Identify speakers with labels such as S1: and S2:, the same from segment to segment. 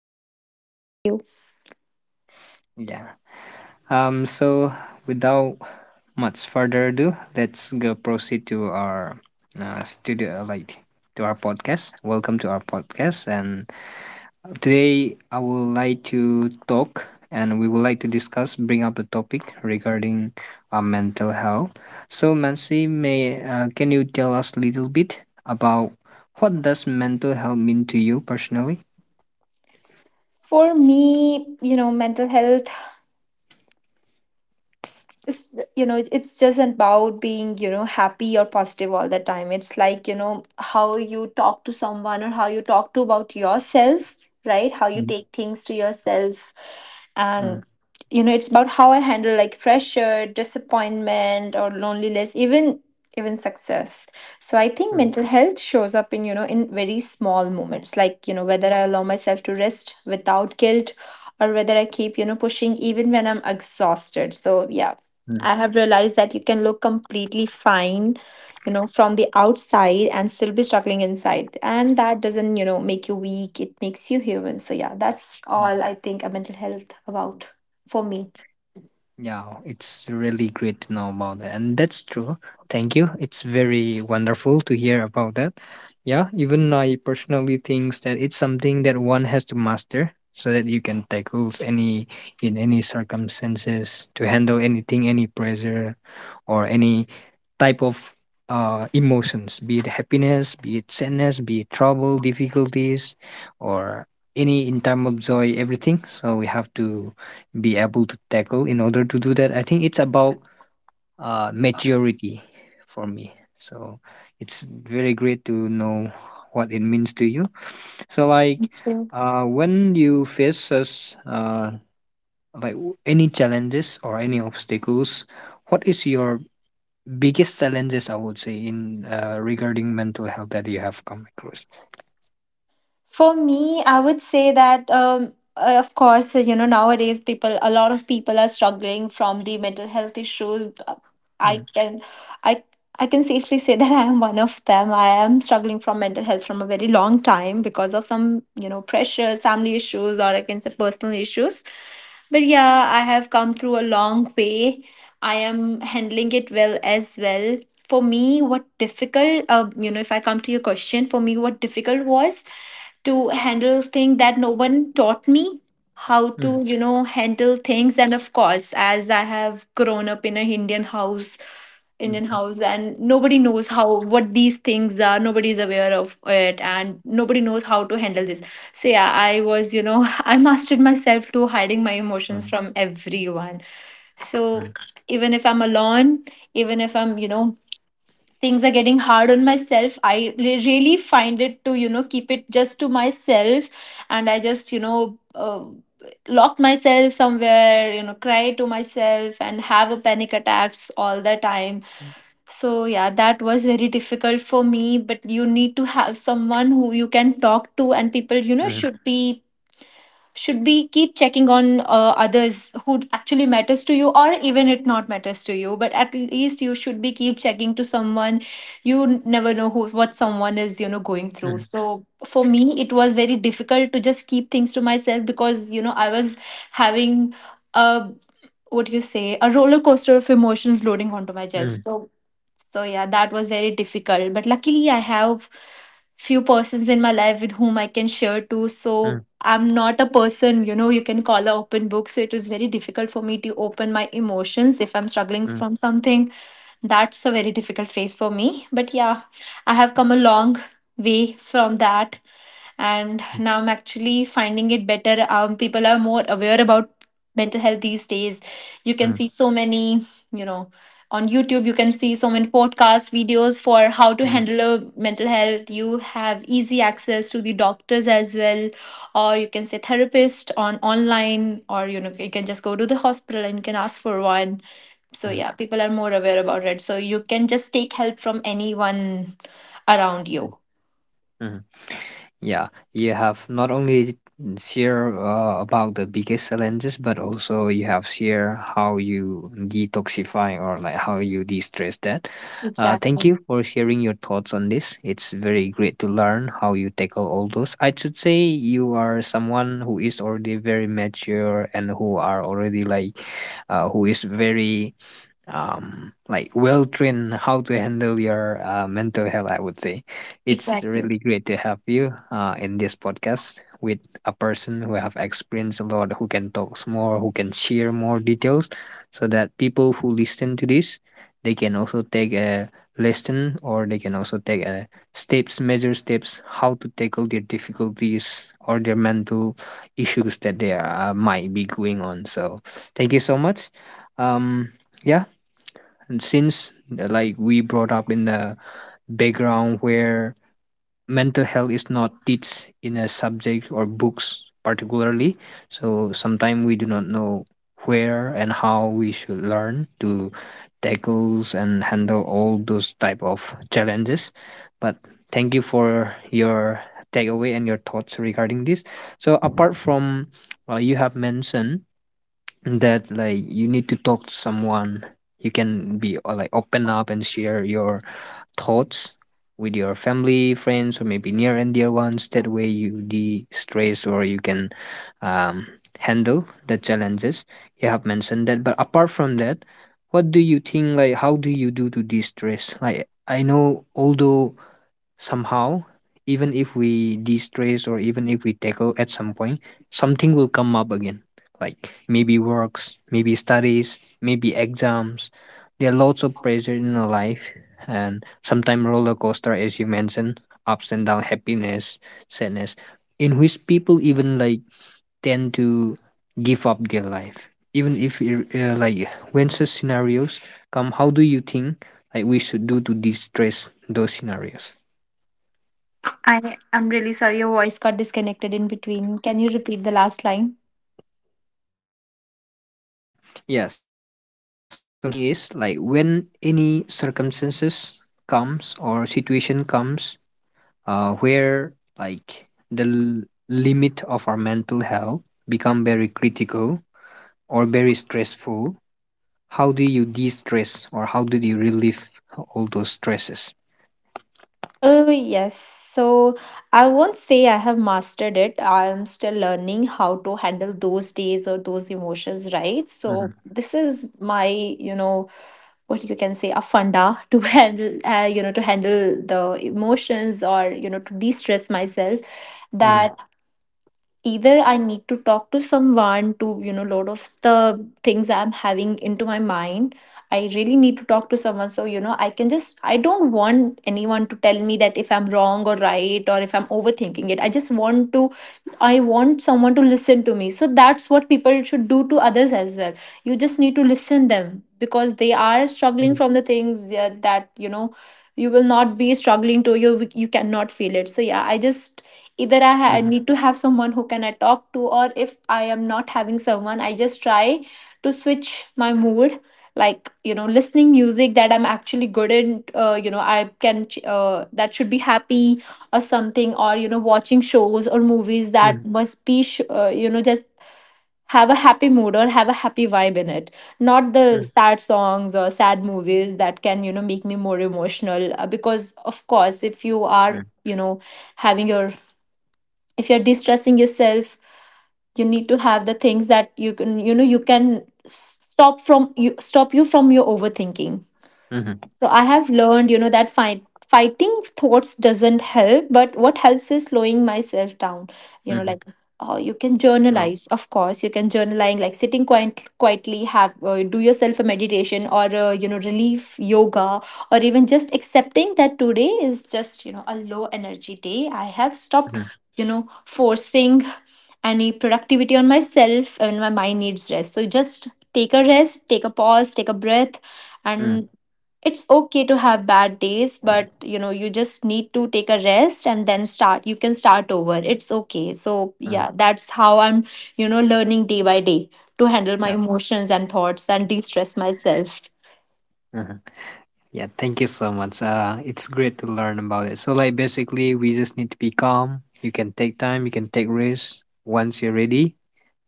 S1: Me too. Thank you.
S2: Yeah. So, without much further ado, let's go proceed to our studio, like to our podcast. Welcome to our podcast, and today, I would like to talk and we would like to discuss, bring up the topic regarding mental health. So, Mansi, may can you tell us a little bit about what does mental health mean to you personally?
S1: For me, mental health it's, it's just about being, happy or positive all the time. It's like, how you talk to someone or how you talk to about yourself, right, how you
S2: Mm.
S1: take things to yourself. And
S2: Mm.
S1: it's about how I handle like pressure, disappointment, or loneliness, even success. So I think
S2: Mm.
S1: mental health shows up in, in very small moments, like, whether I allow myself to rest without guilt, or whether I keep, pushing even when I'm exhausted. So yeah,
S2: Mm.
S1: I have realized that you can look completely fine, from the outside and still be struggling inside. And that doesn't, make you weak. It makes you human. So yeah, that's
S2: Mm.
S1: all I think a mental health about for me.
S2: Yeah, it's really great to know about that. And that's true. Thank you. It's very wonderful to hear about that. Yeah, even I personally thinks that it's something that one has to master so that you can tackle any in any circumstances to handle anything, any pressure or any type of emotions, be it happiness, be it sadness, be it trouble, difficulties, or any in time of joy, everything. So we have to be able to tackle. In order to do that, I think it's about maturity for me. So it's very great to know what it means to you. So like
S1: Okay.
S2: when you faces like any challenges or any obstacles, what is your biggest challenges? I would say in regarding mental health that you have come across.
S1: For me, I would say that of course, nowadays people a lot of people are struggling from the mental health issues. I
S2: Mm.
S1: can I I can safely say that I am one of them. I am struggling from mental health from a very long time because of some, pressures, family issues, or I can say personal issues. But yeah, I have come through a long way. I am handling it well as well. For me, what difficult, if I come to your question, for me, what difficult was to handle thing that no one taught me how
S2: Mm.
S1: to, handle things. And of course, as I have grown up in a indian house
S2: Mm.
S1: indian house, and nobody knows how, what these things are, nobody is aware of it, and nobody knows how to handle this. So yeah, I was, I mastered myself to hiding my
S2: Mm.
S1: emotions from everyone. So
S2: Mm.
S1: even if I'm alone, even if I'm, things are getting hard on myself, I really find it to, keep it just to myself. And I just, lock myself somewhere, cry to myself and have a panic attacks all the time. So yeah, that was very difficult for me. But you need to have someone who you can talk to, and people,
S2: Mm.
S1: should be, should be keep checking on, others who actually matters to you, or even it not matters to you, but at least you should be keep checking to someone. You never know who, what someone is, going
S2: Mm.
S1: through.
S2: Mm.
S1: So for me it was very difficult to just keep things to myself, because I was having a, what do you say, a roller coaster of emotions loading onto my chest.
S2: Mm.
S1: So yeah, that was very difficult. But luckily I have few persons in my life with whom I can share to. So I'm not a person, you can call a open book. So it was very difficult for me to open my emotions if I'm struggling from something. That's a very difficult phase for me. But yeah, I have come a long way from that. And now I'm actually finding it better. People are more aware about mental health these days. You can
S2: Mm.
S1: see so many, you know, on YouTube, you can see so many podcast videos for how to
S2: Mm.
S1: handle your mental health. You have easy access to the doctors as well, or you can say therapist on online, or you can just go to the hospital and you can ask for one. So
S2: Mm.
S1: yeah, people are more aware about it. So you can just take help from anyone around
S2: Mm.
S1: you.
S2: Mm. Yeah, you have not only share about the biggest challenges, but also you have share how you detoxify or like how you de-stress that. Thank
S1: Exactly.
S2: you for sharing your thoughts on this. It's very great to learn how you tackle all those. I should say you are someone who is already very mature and who are already like, who is very like well trained how to handle your mental health, I would say. It's
S1: Exactly.
S2: really great to have you in this podcast with a person who have experienced a lot, who can talk more, who can share more details, so that people who listen to this, they can also take a lesson, or they can also take a steps, measure steps, how to tackle their difficulties or their mental issues that they are, might be going on. So thank you so much. um yeah. And since like we brought up in the background where mental health is not teach in a subject or books particularly, so sometimes we do not know where and how we should learn to tackles and handle all those type of challenges. But thank you for your takeaway and your thoughts regarding this. So apart from you have mentioned that like you need to talk to someone, you can be like open up and share your thoughts with your family friends or maybe near and dear ones. That way you de-stress, or you can um, handle the challenges you have mentioned that. But apart from that, what do you think, like how do you do to de-stress? Like I know although somehow even if we de-stress, or even if we tackle, at some point something will come up again, like maybe works, maybe studies, maybe exams. There are lots of pressure in our life, and sometimes roller coaster, as you mentioned, ups and down, happiness, sadness, in which people even like tend to give up their life, even if it, like when such scenarios come, how do you think like we should do to de-stress those scenarios?
S1: I am really sorry your voice got disconnected in between. Can you repeat the last line?
S2: Yeah, so what I'm saying is, like when any circumstances comes or situation comes, where like the l- limit of our mental health become very critical or very stressful, how do you de-stress or how do you relieve all those stresses?
S1: Oh, yes. So I won't say I have mastered it. I'm still learning how to handle those days or those emotions, right? So
S2: Mhm.
S1: this is my, what you can say, a funda to handle, to handle the emotions, or, to de stress myself.
S2: Mhm.
S1: That, either I need to talk to someone to, load of the things I'm having into my mind. I really need to talk to someone. So, I can just, I don't want anyone to tell me that if I'm wrong or right or if I'm overthinking it. I just want to, I want someone to listen to me. So that's what people should do to others as well. You just need to listen them, because they are
S2: Mhm.
S1: struggling from the things, yeah, that, you will not be struggling to, you cannot feel it. So yeah, I just, either
S2: Mhm.
S1: need to have someone who can I talk to, or if I am not having someone, I just try to switch my mood, like, listening music that I'm actually good in, I can that should be happy or something. Or, watching shows or movies
S2: Mhm.
S1: that must be just have a happy mood or have a happy vibe in it, not the
S2: Mhm.
S1: sad songs or sad movies that can, make me more emotional. Because of course, if you are,
S2: Mhm.
S1: having your, if you're distressing yourself, you need to have the things that you can, you can stop from, you stop you from your overthinking.
S2: Mhm.
S1: So I have learned, that fighting thoughts doesn't help, but what helps is slowing myself down. You know,
S2: Mhm.
S1: like oh, you can
S2: Oh.
S1: journalize, of course, you can journaling, like sitting quietly, have, do yourself a meditation, or relief yoga, or even just accepting that today is just, a low energy day. I have stopped,
S2: Mhm.
S1: forcing any productivity on myself when my mind needs rest. So just take a rest, take a pause, take a breath,
S2: Mhm.
S1: and it's okay to have bad days. But you just need to take a rest, and then start, you can start over, it's okay. So
S2: Mhm.
S1: yeah, that's how I'm, learning day by day to handle my
S2: Yeah.
S1: emotions and thoughts and de-stress myself.
S2: Mhm. Yeah, thank you so much. It's great to learn about it. So, like, basically, we just need to be calm. You can take time, you can take risks. Once you're ready,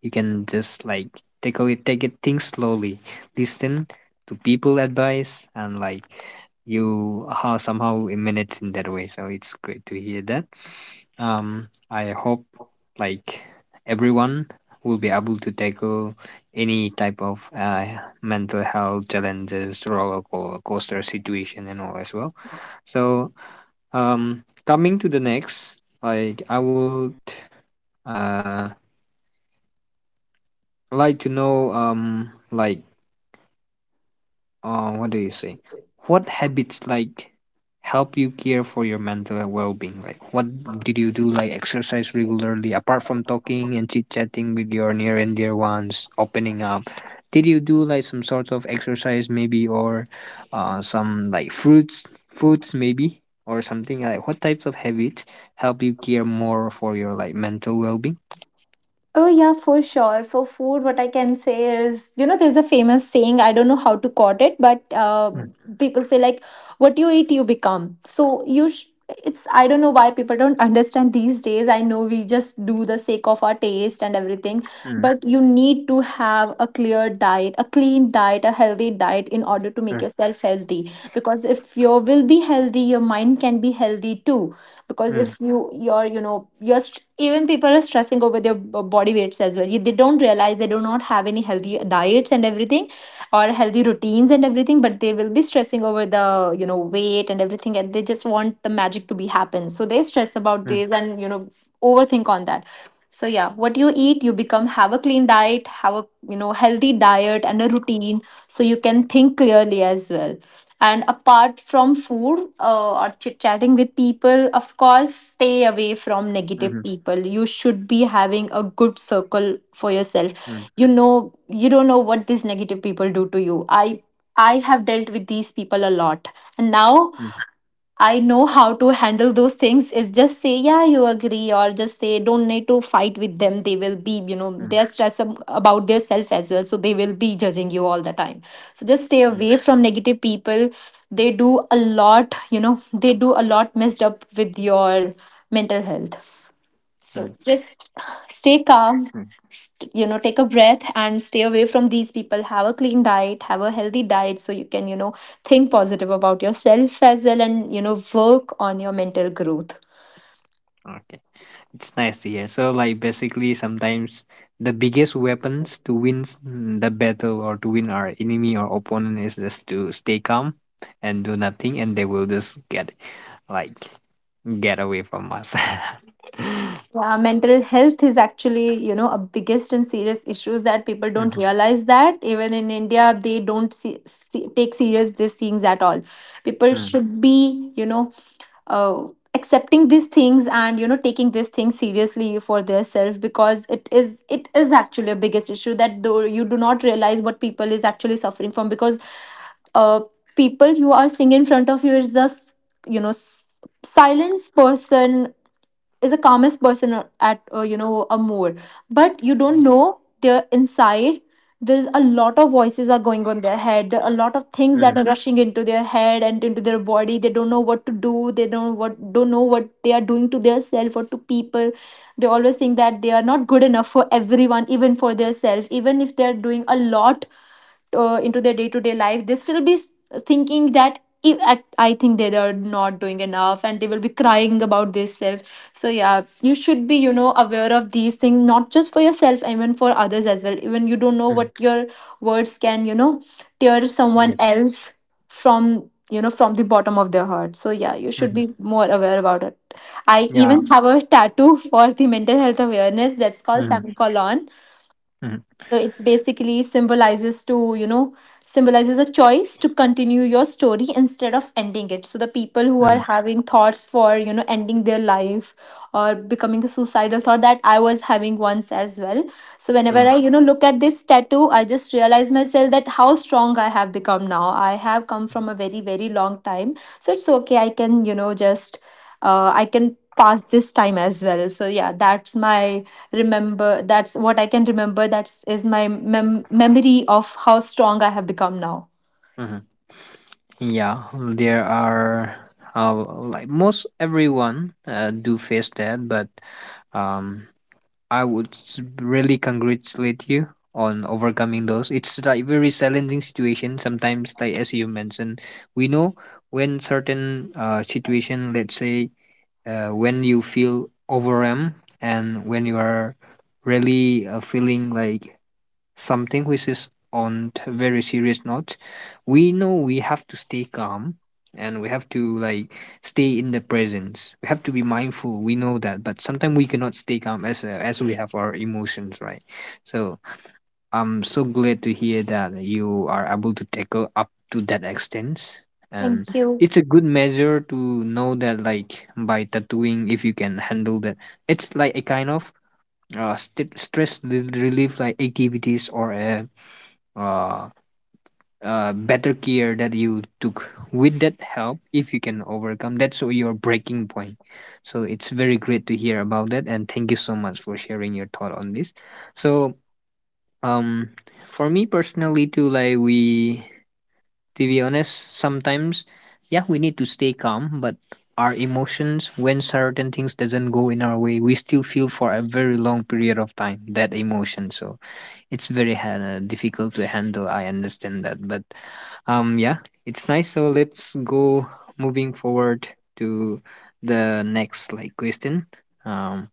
S2: you can just like take it things slowly, listen to people advice, and like you how somehow it minutes in that way. So it's great to hear that. I hope like everyone will be able to tackle any type of mental health challenges, roller coaster situation, and all as well. So coming to the next, like I would uh like to know like what do you say, what habits like help you care for your mental well-being, like what did you do? Like exercise regularly apart from talking and chit-chatting with your near and dear ones, opening up? Did you do like some sort of exercise maybe, or some like fruits maybe, or something? Like what types of habits help you care more for your like mental well-being?
S1: Oh, yeah, for sure. For food, what I can say is, there's a famous saying, I don't know how to quote it, but people say, like, what you eat, you become. So, you, it's, I don't know why people don't understand these days. I know we just do the sake of our taste and everything,
S2: Mm.
S1: but you need to have a clear diet, a clean diet, a healthy diet in order to make
S2: Mm. Mm.
S1: yourself healthy. Because if your will be healthy, your mind can be healthy too. Because if
S2: Mm.
S1: you your, your even people are stressing over their body weights as well. They don't realize they do not have any healthy diets and everything, or healthy routines and everything. But they will be stressing over the, weight and everything, and they just want the magic to be happen. So they stress about
S2: Mm.
S1: this and, overthink on that. So yeah, what you eat, you become. Have a clean diet, have a, healthy diet and a routine, so you can think clearly as well. And apart from food, or chit chatting with people, of course, stay away from negative
S2: Mhm.
S1: people. You should be having a good circle for yourself.
S2: Mm.
S1: You know, you don't know what these negative people do to you. I have dealt with these people a lot, and now
S2: Mm.
S1: I know how to handle those things, is just say, yeah, you agree, or just say, don't need to fight with them. They will be,
S2: Mm.
S1: they're stressed about their self as well. So they will be judging you all the time. So just stay
S2: Mm.
S1: away from negative people. They do a lot, they do a lot messed up with your mental health.
S2: Mm.
S1: So just stay calm,
S2: Mm.
S1: take a breath and stay away from these people. Have a clean diet, have a healthy diet, so you can, think positive about yourself as well, and, work on your mental growth.
S2: Okay. It's nice to hear. So, like, basically, sometimes the biggest weapons to win the battle, or to win our enemy or opponent, is just to stay calm and do nothing, and they will just get, like, get away from us.
S1: Yeah, mental health is actually, a biggest and serious issues that people don't
S2: Mm-hmm.
S1: realize, that even in India they don't see, take serious these things at all. People
S2: Mm-hmm.
S1: should be, you know, uh, accepting these things and you know taking these things seriously for their self because it is actually a biggest issue that though you do not realize what people is actually suffering from because uh, people you are seeing in front of you is you know s- silence person is the calmest person at you know a moor but you don't know they inside there's a lot of voices are going on their head, there are a lot of things that are rushing into their head and into their body. They don't know what to do. They don't what don't know what they are doing to their self or to people. They always think that they are not good enough for everyone, even for their self, even if they're doing a lot into their day to day life. They still be thinking that "If- I I think they are not doing enough and they will be crying about this self. So yeah, you should be, you know, aware of these things, not just for yourself, even for others as well. Even you don't know
S2: Mm-hmm.
S1: what your words can, you know, tear someone
S2: Yes.
S1: else from you know from the bottom of their heart. So yeah, you should
S2: Mm-hmm.
S1: be more aware about it. I
S2: Yeah.
S1: even have a tattoo for the mental health awareness that's called
S2: Mm-hmm.
S1: samkolon.
S2: Mm-hmm.
S1: So it's basically symbolizes a choice to continue your story instead of ending it. So the people who are
S2: Mm-hmm.
S1: having thoughts for, you know, ending their life or becoming a suicidal thought that I was having once as well. So whenever
S2: Mm-hmm.
S1: I, you know, look at this tattoo, I just realize myself that how strong I have become now. I have come from a very, very long time. So it's okay. I can, you know, just, I can pass this time as well. So yeah, that's my remember that's what I can remember, that's is my memory of how strong I have become now.
S2: Mm-hmm. Yeah. There are, uh, like, most everyone do face that, but um I would really congratulate you on overcoming those. It's like very challenging situation sometimes. Like as you mentioned, we know when certain situation, let's say, when you feel overwhelmed, and when you are really feeling like something which is on very serious note, we know we have to stay calm, and we have to like stay in the presence, we have to be mindful, we know that, but sometimes we cannot stay calm, as we have our emotions, right? So I'm so glad to hear that you are able to tackle up to that extent,
S1: Thank
S2: and
S1: you.
S2: it's a good measure to know that like by tattooing, if you can handle that, it's like a kind of stress relief like activities, or a uh, better care that you took. With that help, if you can overcome, that's your breaking point. So it's very great to hear about that, and thank you so much for sharing your thought on this. So um for me personally too, like we, to be honest, sometimes, yeah, we need to stay calm, but our emotions, when certain things doesn't go in our way, we still feel for a very long period of time that emotion. So it's very difficult to handle, I understand that, but yeah, it's nice. So let's go moving forward to the next like question. Um,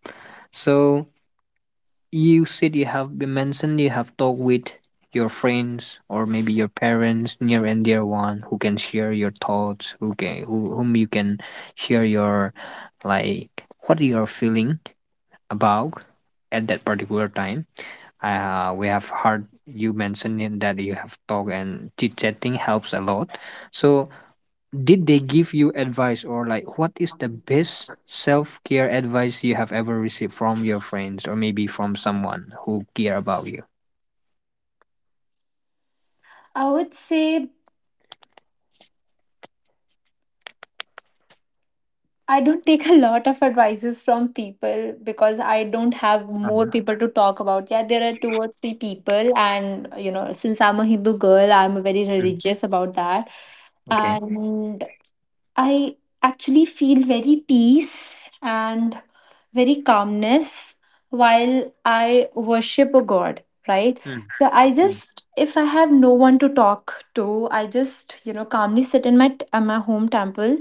S2: so you said you have, you mentioned you have talked with your friends or maybe your parents, near and dear one, who can share your thoughts, who can, who, whom you can share your like what you're feeling about at that particular time. We have heard you mentioning that you have talked and chit chatting helps a lot. So did they give you advice, or like what is the best self-care advice you have ever received from your friends, or maybe from someone who care about you?
S1: I would say I don't take a lot of advices from people because I don't have more
S2: Mm.
S1: people to talk about. Yeah, there are two or three people, and you know, since I'm a Hindu girl, I'm very
S2: Mm.
S1: religious about that.
S2: Okay.
S1: And I actually feel very peace and very calmness while I worship a god, right?
S2: Mm.
S1: So I
S2: Mm.
S1: just, if I have no one to talk to, I just, you know, calmly sit in my my home temple.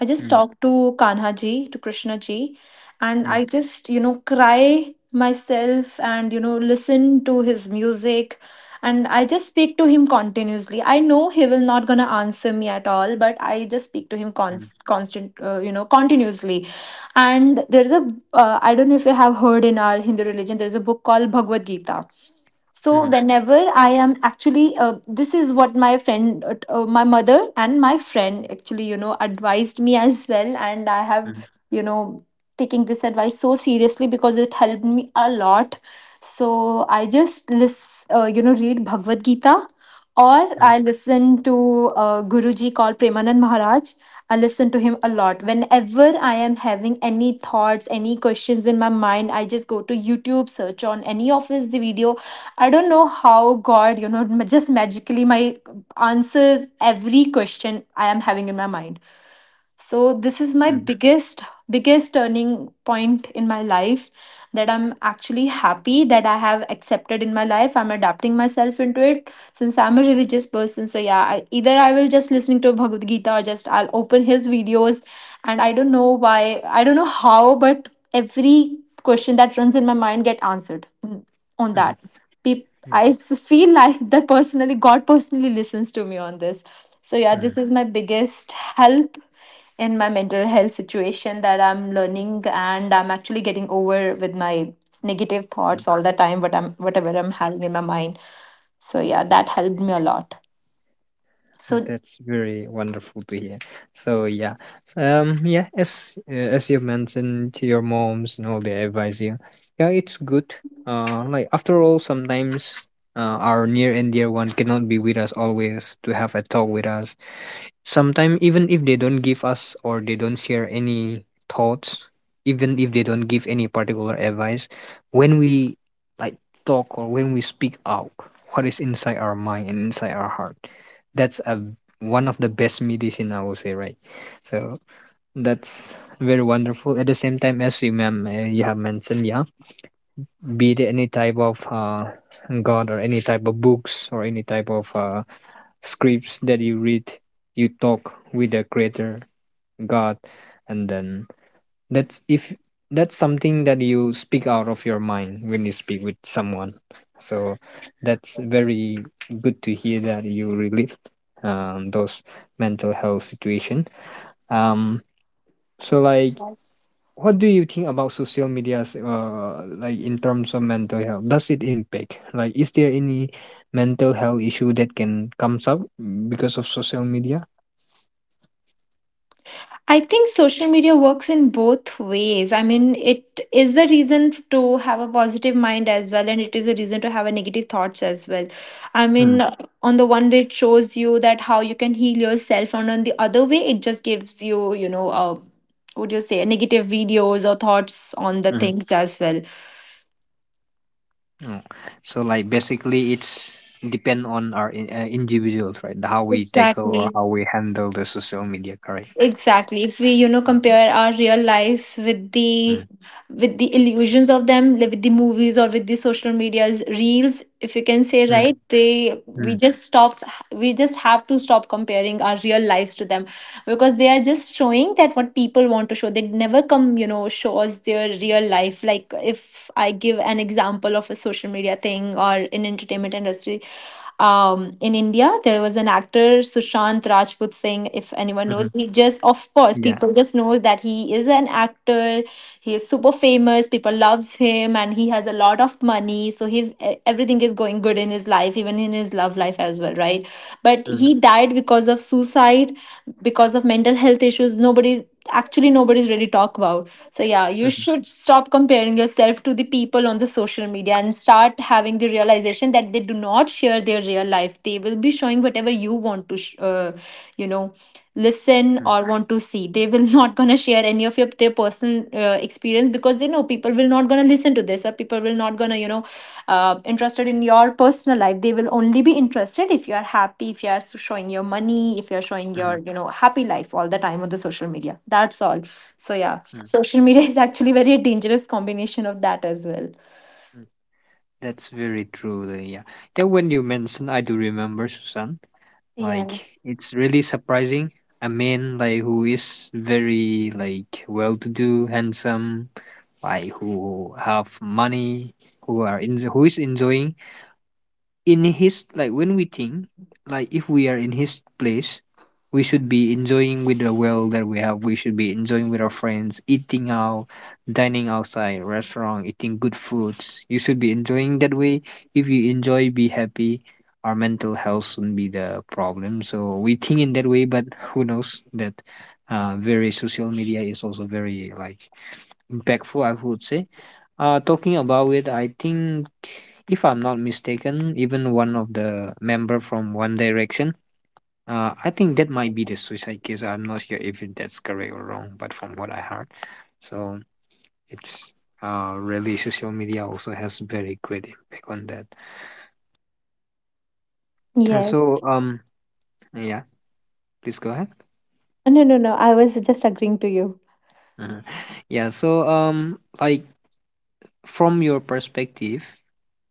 S1: I just
S2: Mm.
S1: talk to Kanha ji, to Krishna ji, and
S2: Mm.
S1: I just, you know, cry myself and you know listen to his music and I just speak to him continuously. I know he will not gonna answer me at all, but I just speak to him
S2: Mm.
S1: const- constant you know continuously. And there's a I don't know if you have heard in our Hindu religion there's a book called Bhagavad Gita. So
S2: Mm.
S1: whenever I am actually this is what my friend my mother and my friend actually you know advised me as well, and I have
S2: Mm.
S1: you know taking this advice so seriously because it helped me a lot. So I just you know, read Bhagavad Gita, or
S2: Mm.
S1: I listen to a Guruji called Premanand Maharaj. I listen to him a lot. Whenever I am having any thoughts, any questions in my mind, I just go to YouTube, search on any of his video. I don't know how God, you know, just magically my answers every question I am having in my mind. So this is my
S2: Mm.
S1: biggest turning point in my life that I'm actually happy that I have accepted in my life. I'm adapting myself into it since I'm a religious person. So yeah, I, either I will just listening to Bhagavad Gita or just I'll open his videos, and I don't know why, I don't know how, but every question that runs in my mind get answered. Mm, on
S2: Mm.
S1: that
S2: Yeah.
S1: I feel like that personally, God personally listens to me on this. So, yeah,
S2: Mm.
S1: this is my biggest help in my mental health situation that I'm learning and I'm actually getting over with my negative
S2: Mm.
S1: thoughts all the time, what I'm, whatever I'm having in my mind. So, yeah,
S2: Yeah.
S1: that helped me a lot. So,
S2: That's very wonderful to hear. So yeah, so, yeah, as you mentioned to your moms and all, they advise you, yeah, it's good. Like after all, sometimes our near and dear one cannot be with us always to have a talk with us. Sometimes even if they don't give us or they don't share any thoughts, even if they don't give any particular advice, when we like talk, or when we speak out what is inside our mind and inside our heart, that's a one of the best medicine I would say, right? So that's very wonderful. At the same time, as you ma'am, you have mentioned, yeah, be it any type of God, or any type of books, or any type of scripts that you read, you talk with the creator, God, and then that's if that's something that you speak out of your mind when you speak with someone. So that's very good to hear that you relieved those mental health situation. Um, so like,
S1: yes.
S2: what do you think about social medias? Like in terms of mental health, does it impact? Like, is there any mental health issue that can comes up because of social media?
S1: I think social media works in both ways. I mean, it is the reason to have a positive mind as well, and it is a reason to have a negative thoughts as well. I mean,
S2: Mm.
S1: on the one way, it shows you that how you can heal yourself, and on the other way, it just gives you, you know, what do you say, negative videos or thoughts on the
S2: Mhm.
S1: things as well.
S2: Oh. So like basically it's depend on our individuals, right? The How we tackle or
S1: Exactly.
S2: how we handle the social media, correct?
S1: Exactly. If we, you know,
S2: Mm.
S1: compare our real lives
S2: Mm.
S1: with the illusions of them, like with the movies or with the social media's reels, if you can say
S2: Mm.
S1: right, they we
S2: Mm.
S1: just stop, we just have to stop comparing our real lives to them because they are just showing that what people want to show. They never come, you know, show us their real life. Like if I give an example of a social media thing or in entertainment industry, in India. There was an actor, Sushant Rajput Singh, if anyone
S2: Mhm.
S1: knows. He just, of course,
S2: Yeah.
S1: people just know that he is an actor. He is super famous. People loves him and he has a lot of money. So he's, everything is going good in his life, even in his love life as well, right? But
S2: Mm,
S1: he died because of suicide, because of mental health issues. Nobody's, actually nobody's really talk about. So yeah, you
S2: mhm,
S1: should stop comparing yourself to the people on the social media and start having the realization that they do not share their real life. They will be showing whatever you want to you know listen
S2: mm,
S1: or want to see. They will not gonna share any of your their personal experience because they know people will not gonna listen to this, or people will not gonna you know interested in your personal life. They will only be interested if you are happy, if you are showing your money, if you are showing
S2: mhm,
S1: your you know happy life all the time on the social media, that's all. So yeah,
S2: mm,
S1: social media is actually very dangerous combination of that as well.
S2: mm. That's very true. Yeah. Then when you mentioned, I do remember Susan. Like
S1: Yes,
S2: it's really surprising. A man like who is very like well-to-do, handsome, like who have money, who is enjoying in his like when we think like if we are in his place we should be enjoying with the well that we have, we should be enjoying with our friends, eating out, dining outside restaurant, eating good foods. You should be enjoying that way. If you enjoy, be happy. Our mental health shouldn't be the problem, so we think in that way. But who knows that, very, social media is also very like impactful, I would say. Talking about it, I think, if I'm not mistaken, even one of the member from One Direction, I think that might be the suicide case. I'm not sure if it- that's correct or wrong, but from what I heard, so it's really social media also has very great impact on that. And
S1: yes.
S2: so yeah, please go ahead.
S1: No, no, no. I was just agreeing to you.
S2: Uh, yeah, so like from your perspective,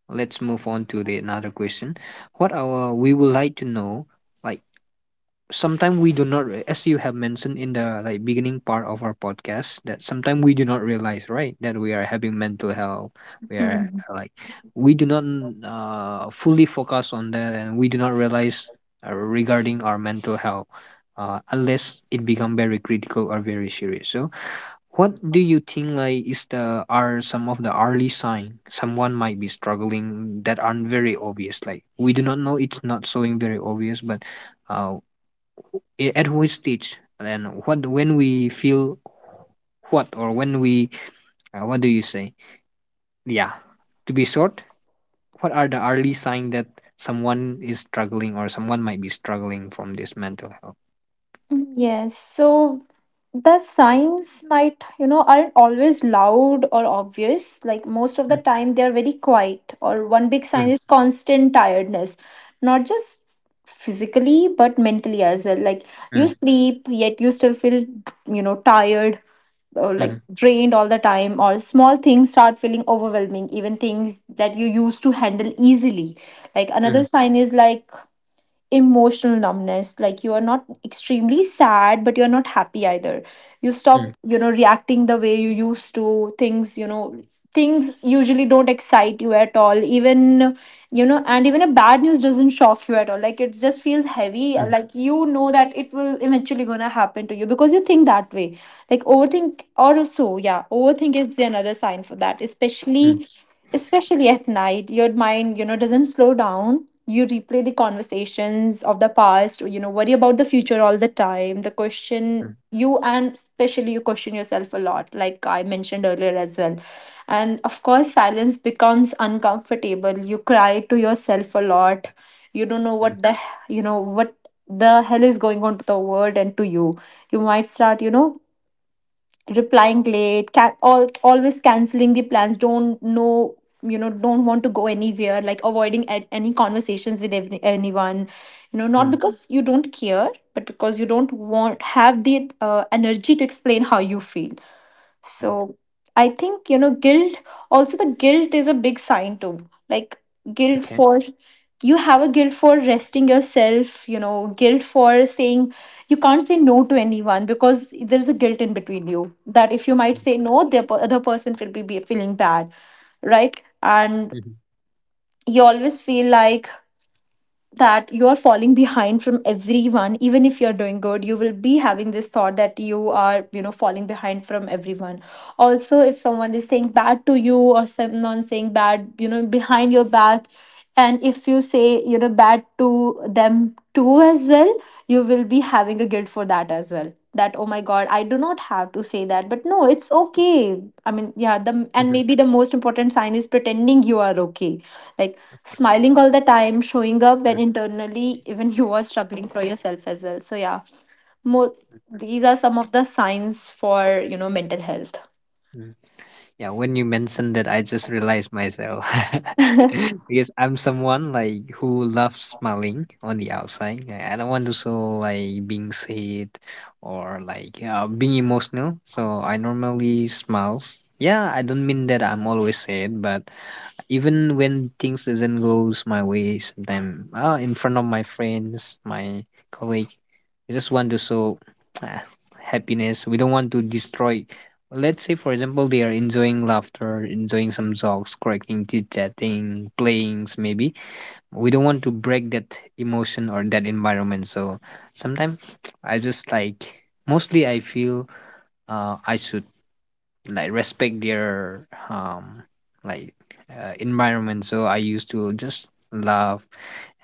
S2: let's move on to the another question. What our we would like to know, like sometimes we do not, as you have mentioned in the like beginning part of our podcast, that sometimes we do not realize, right, that we are having mental health. We are
S1: Hmm.
S2: like we do not fully focus on that, and we do not realize regarding our mental health. Unless it become very critical or very serious. So, what do you think, like is the are some of the early sign someone might be struggling that aren't very obvious? Like we do not know, it's not showing very obvious, but uh, at which stage and what when we feel what or when we, what do you say? Yeah, to be short, what are the early sign that someone is struggling or someone might be struggling from this mental health?
S1: Mm, yes, so the signs might, you know, aren't always loud or obvious. Like most of the
S2: Mm,
S1: time, they are very quiet. Or one big sign
S2: mm,
S1: is constant tiredness, not just physically, but mentally as well. Like you
S2: mm,
S1: sleep, yet you still feel, you know, tired or like
S2: mm,
S1: drained all the time. Or small things start feeling overwhelming, even things that you used to handle easily. Like another sign is like emotional numbness. Like you are not extremely sad, but you're not happy either. You
S2: mm, mm,
S1: stop you know reacting the way you used to things, you know, things usually don't excite you at all, even you know, and even a bad news doesn't shock you at all. Like it just feels heavy,
S2: mm,
S1: like you know that it will eventually gonna happen to you because you think that way. Like overthink also, yeah, overthink is the another sign for that,
S2: mm,
S1: especially especially at night your mind you know doesn't slow down. You replay the conversations of the past, you know, worry about the future all the time, the question
S2: mm,
S1: you, and especially you question yourself a lot, like I mentioned earlier as well. And of course silence becomes uncomfortable. You cry to yourself a lot. You don't know
S2: mm,
S1: what the you know what the hell is going on to the world and to you. You might start you know replying late, can all, always canceling the plans, don't know, you know, don't want to go anywhere, like avoiding any conversations with anyone, you know, not
S2: mm,
S1: because you don't care, but because you don't want have the energy to explain how you feel.
S2: mm.
S1: So I think, you know, also the guilt is a big sign too. Like guilt
S2: Okay.
S1: for, you have a guilt for resting yourself, you know, guilt for saying you can't say no to anyone because there's a guilt in between you that if you might say no, the other person will be feeling bad, right? And
S2: Mhm,
S1: you always feel like that you're falling behind from everyone, even if you're doing good you will be having this thought that you are you know falling behind from everyone. Also if someone is saying bad to you or someone saying bad you know behind your back, and if you say you know bad to them too as well, you will be having a guilt for that as well, that oh my god, I do not have to say that. But no, it's okay, I mean, yeah, the and
S2: mhm,
S1: maybe the most important sign is pretending you are okay. Like smiling all the time, showing up
S2: mhm,
S1: when internally even you are struggling for yourself as well. So yeah, more these are some of the signs for you know mental health.
S2: mhm. Yeah, when you mentioned that, I just realized myself. Because I'm someone like who loves smiling on the outside. I don't want to show like being sad or like being emotional. So I normally smiles. Yeah, I don't mean that I'm always sad, but even when things doesn't goes my way, sometimes ah, in front of my friends, my colleague, we just want to show ah, happiness. We don't want to destroy. Let's say, for example, they are enjoying laughter, enjoying some jokes, cracking, chit-chatting, playing, maybe. We don't want to break that emotion or that environment. So sometimes I just like mostly I feel I should like respect their um like environment, so I used to just laugh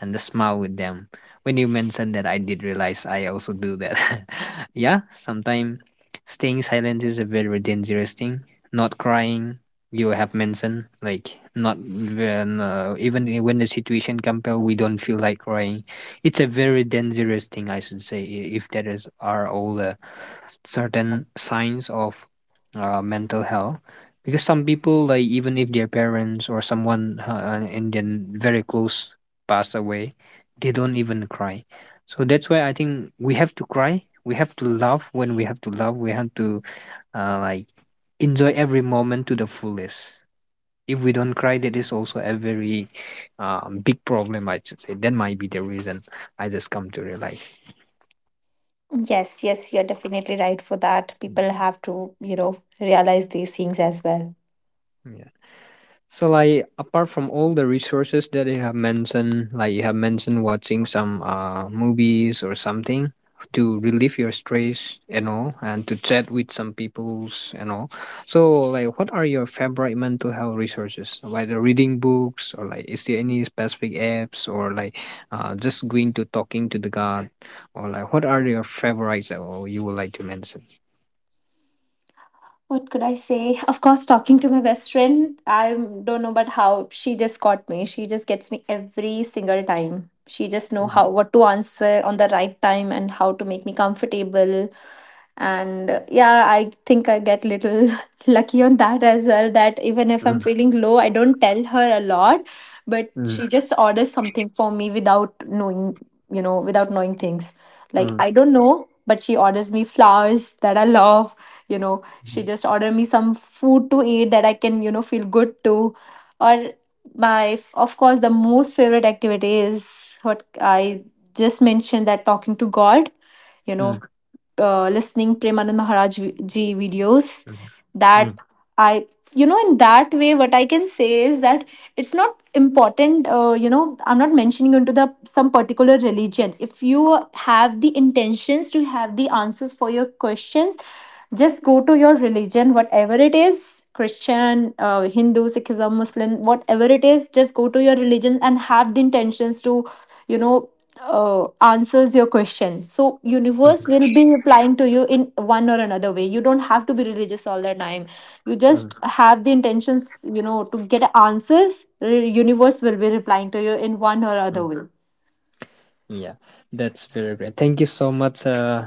S2: and the smile with them. When you mentioned that, I did realize I also do that. Yeah, sometimes staying silent is a very dangerous thing, not crying. You have mentioned like not when even I- when the situation compel, we don't feel like crying. It's a very dangerous thing, I should say. If that is are all the certain signs of mental health, because some people, like even if their parents or someone in their very close passed away, they don't even cry. So that's why I think we have to cry, we have to love. When we have to love, we have to like enjoy every moment to the fullest. If we don't cry, that is also a very big problem, I should say. That might be the reason. I just come to realize.
S1: Yes, yes, you're definitely right for that. People have to, you know, realize these things as well.
S2: So like apart from all the resources that you have mentioned, like you have mentioned watching some movies or something to relieve your stress and all, and to chat with some peoples and all. So like what are your favorite mental health resources? Like the reading books, or like is there any specific apps, or like just going to talking to the god, or like what are your favorites that, or you would like to mention?
S1: What could I say? Of course, talking to my best friend. I don't know, but how she just got me. She just gets me every single time. She just know
S2: Mm,
S1: how what to answer on the right time and how to make me comfortable. And yeah, I think I get little lucky on that as well. That even if I'm
S2: mm,
S1: feeling low, I don't tell her a lot, but
S2: mm,
S1: she just orders something for me without knowing, you know, without knowing things.
S2: mm,
S1: Like,
S2: mm,
S1: I don't know, but she orders me flowers that I love. You know, she just order me some food to eat that I can, you know, feel good to. Or my, of course, the most favorite activity is what I just mentioned, that talking to God, you
S2: mm,
S1: know, listening Premanand Maharaj ji videos
S2: mm,
S1: that
S2: mm,
S1: I, you know, in that way, what I can say is that it's not important, you know, I'm not mentioning into the some particular religion. If you have the intentions to have the answers for your questions, just go to your religion, whatever it is, Christian, Hindu, Sikhism, Muslim, whatever it is, just go to your religion and have the intentions to you know answers your question. So
S2: mm,
S1: universe will be replying to you in one or another way. You don't have to be religious all the time. You
S2: mm.
S1: just have the intentions, you know, to get answers. Universe will be replying to you in one or
S2: mm.
S1: other way.
S2: Yeah, that's very great. Thank you so much uh,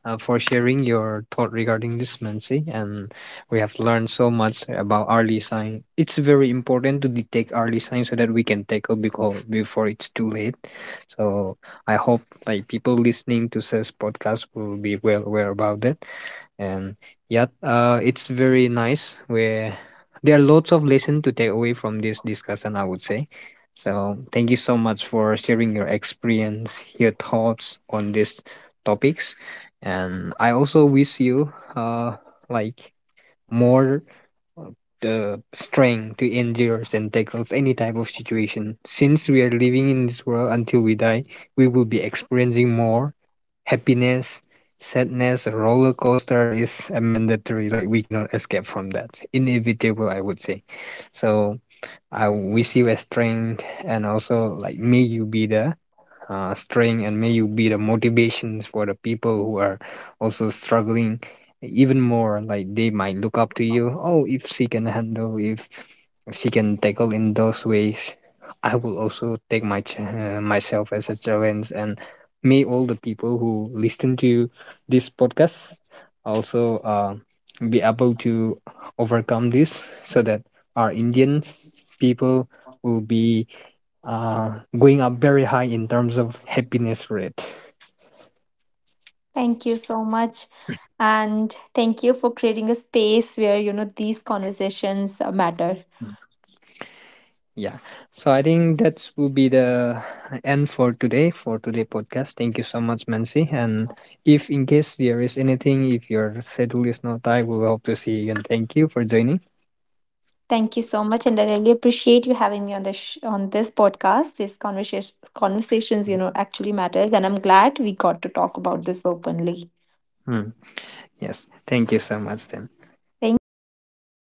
S2: uh, for sharing your thought regarding this, Mansi. And we have learned so much about early sign. It's very important to detect early signs so that we can tackle before it's too late. So I hope like people listening to this podcast will be well aware about that. And yeah, it's very nice where there are lots of lesson to take away from this discussion, I would say. So thank you so much for sharing your experience, your thoughts on these topics. And I also wish you uh, like more uh, the strength to endure and tackles any type of situation. Since we are living in this world until we die, we will be experiencing more happiness, sadness. Roller coaster is a mandatory, like we cannot escape from that. Inevitable, I would say. So I wish you a strength, and also like may you be the string, and may you be the motivations for the people who are also struggling even more. Like they might look up to you. Oh, if she can handle, if she can tackle in those ways, I will also take my myself as a challenge. And may all the people who listen to this podcast also be able to overcome this, so that our Indians people will be uh, going up very high in terms of happiness rate.
S1: Thank you so much and thank you for creating a space where you know these conversations matter.
S2: Yeah. So I think that will be the end for today, for today podcast. Thank you so much, Mansi. And if in case there is anything, if your schedule is not tight, we will hope to see you. And thank you for joining.
S1: Thank you so much, and I really appreciate you having me on on this podcast. These conversations, you know, actually matters, and I'm glad we got to talk about this openly.
S2: Mm. Yes. Thank you so much. Then.
S1: Thank you.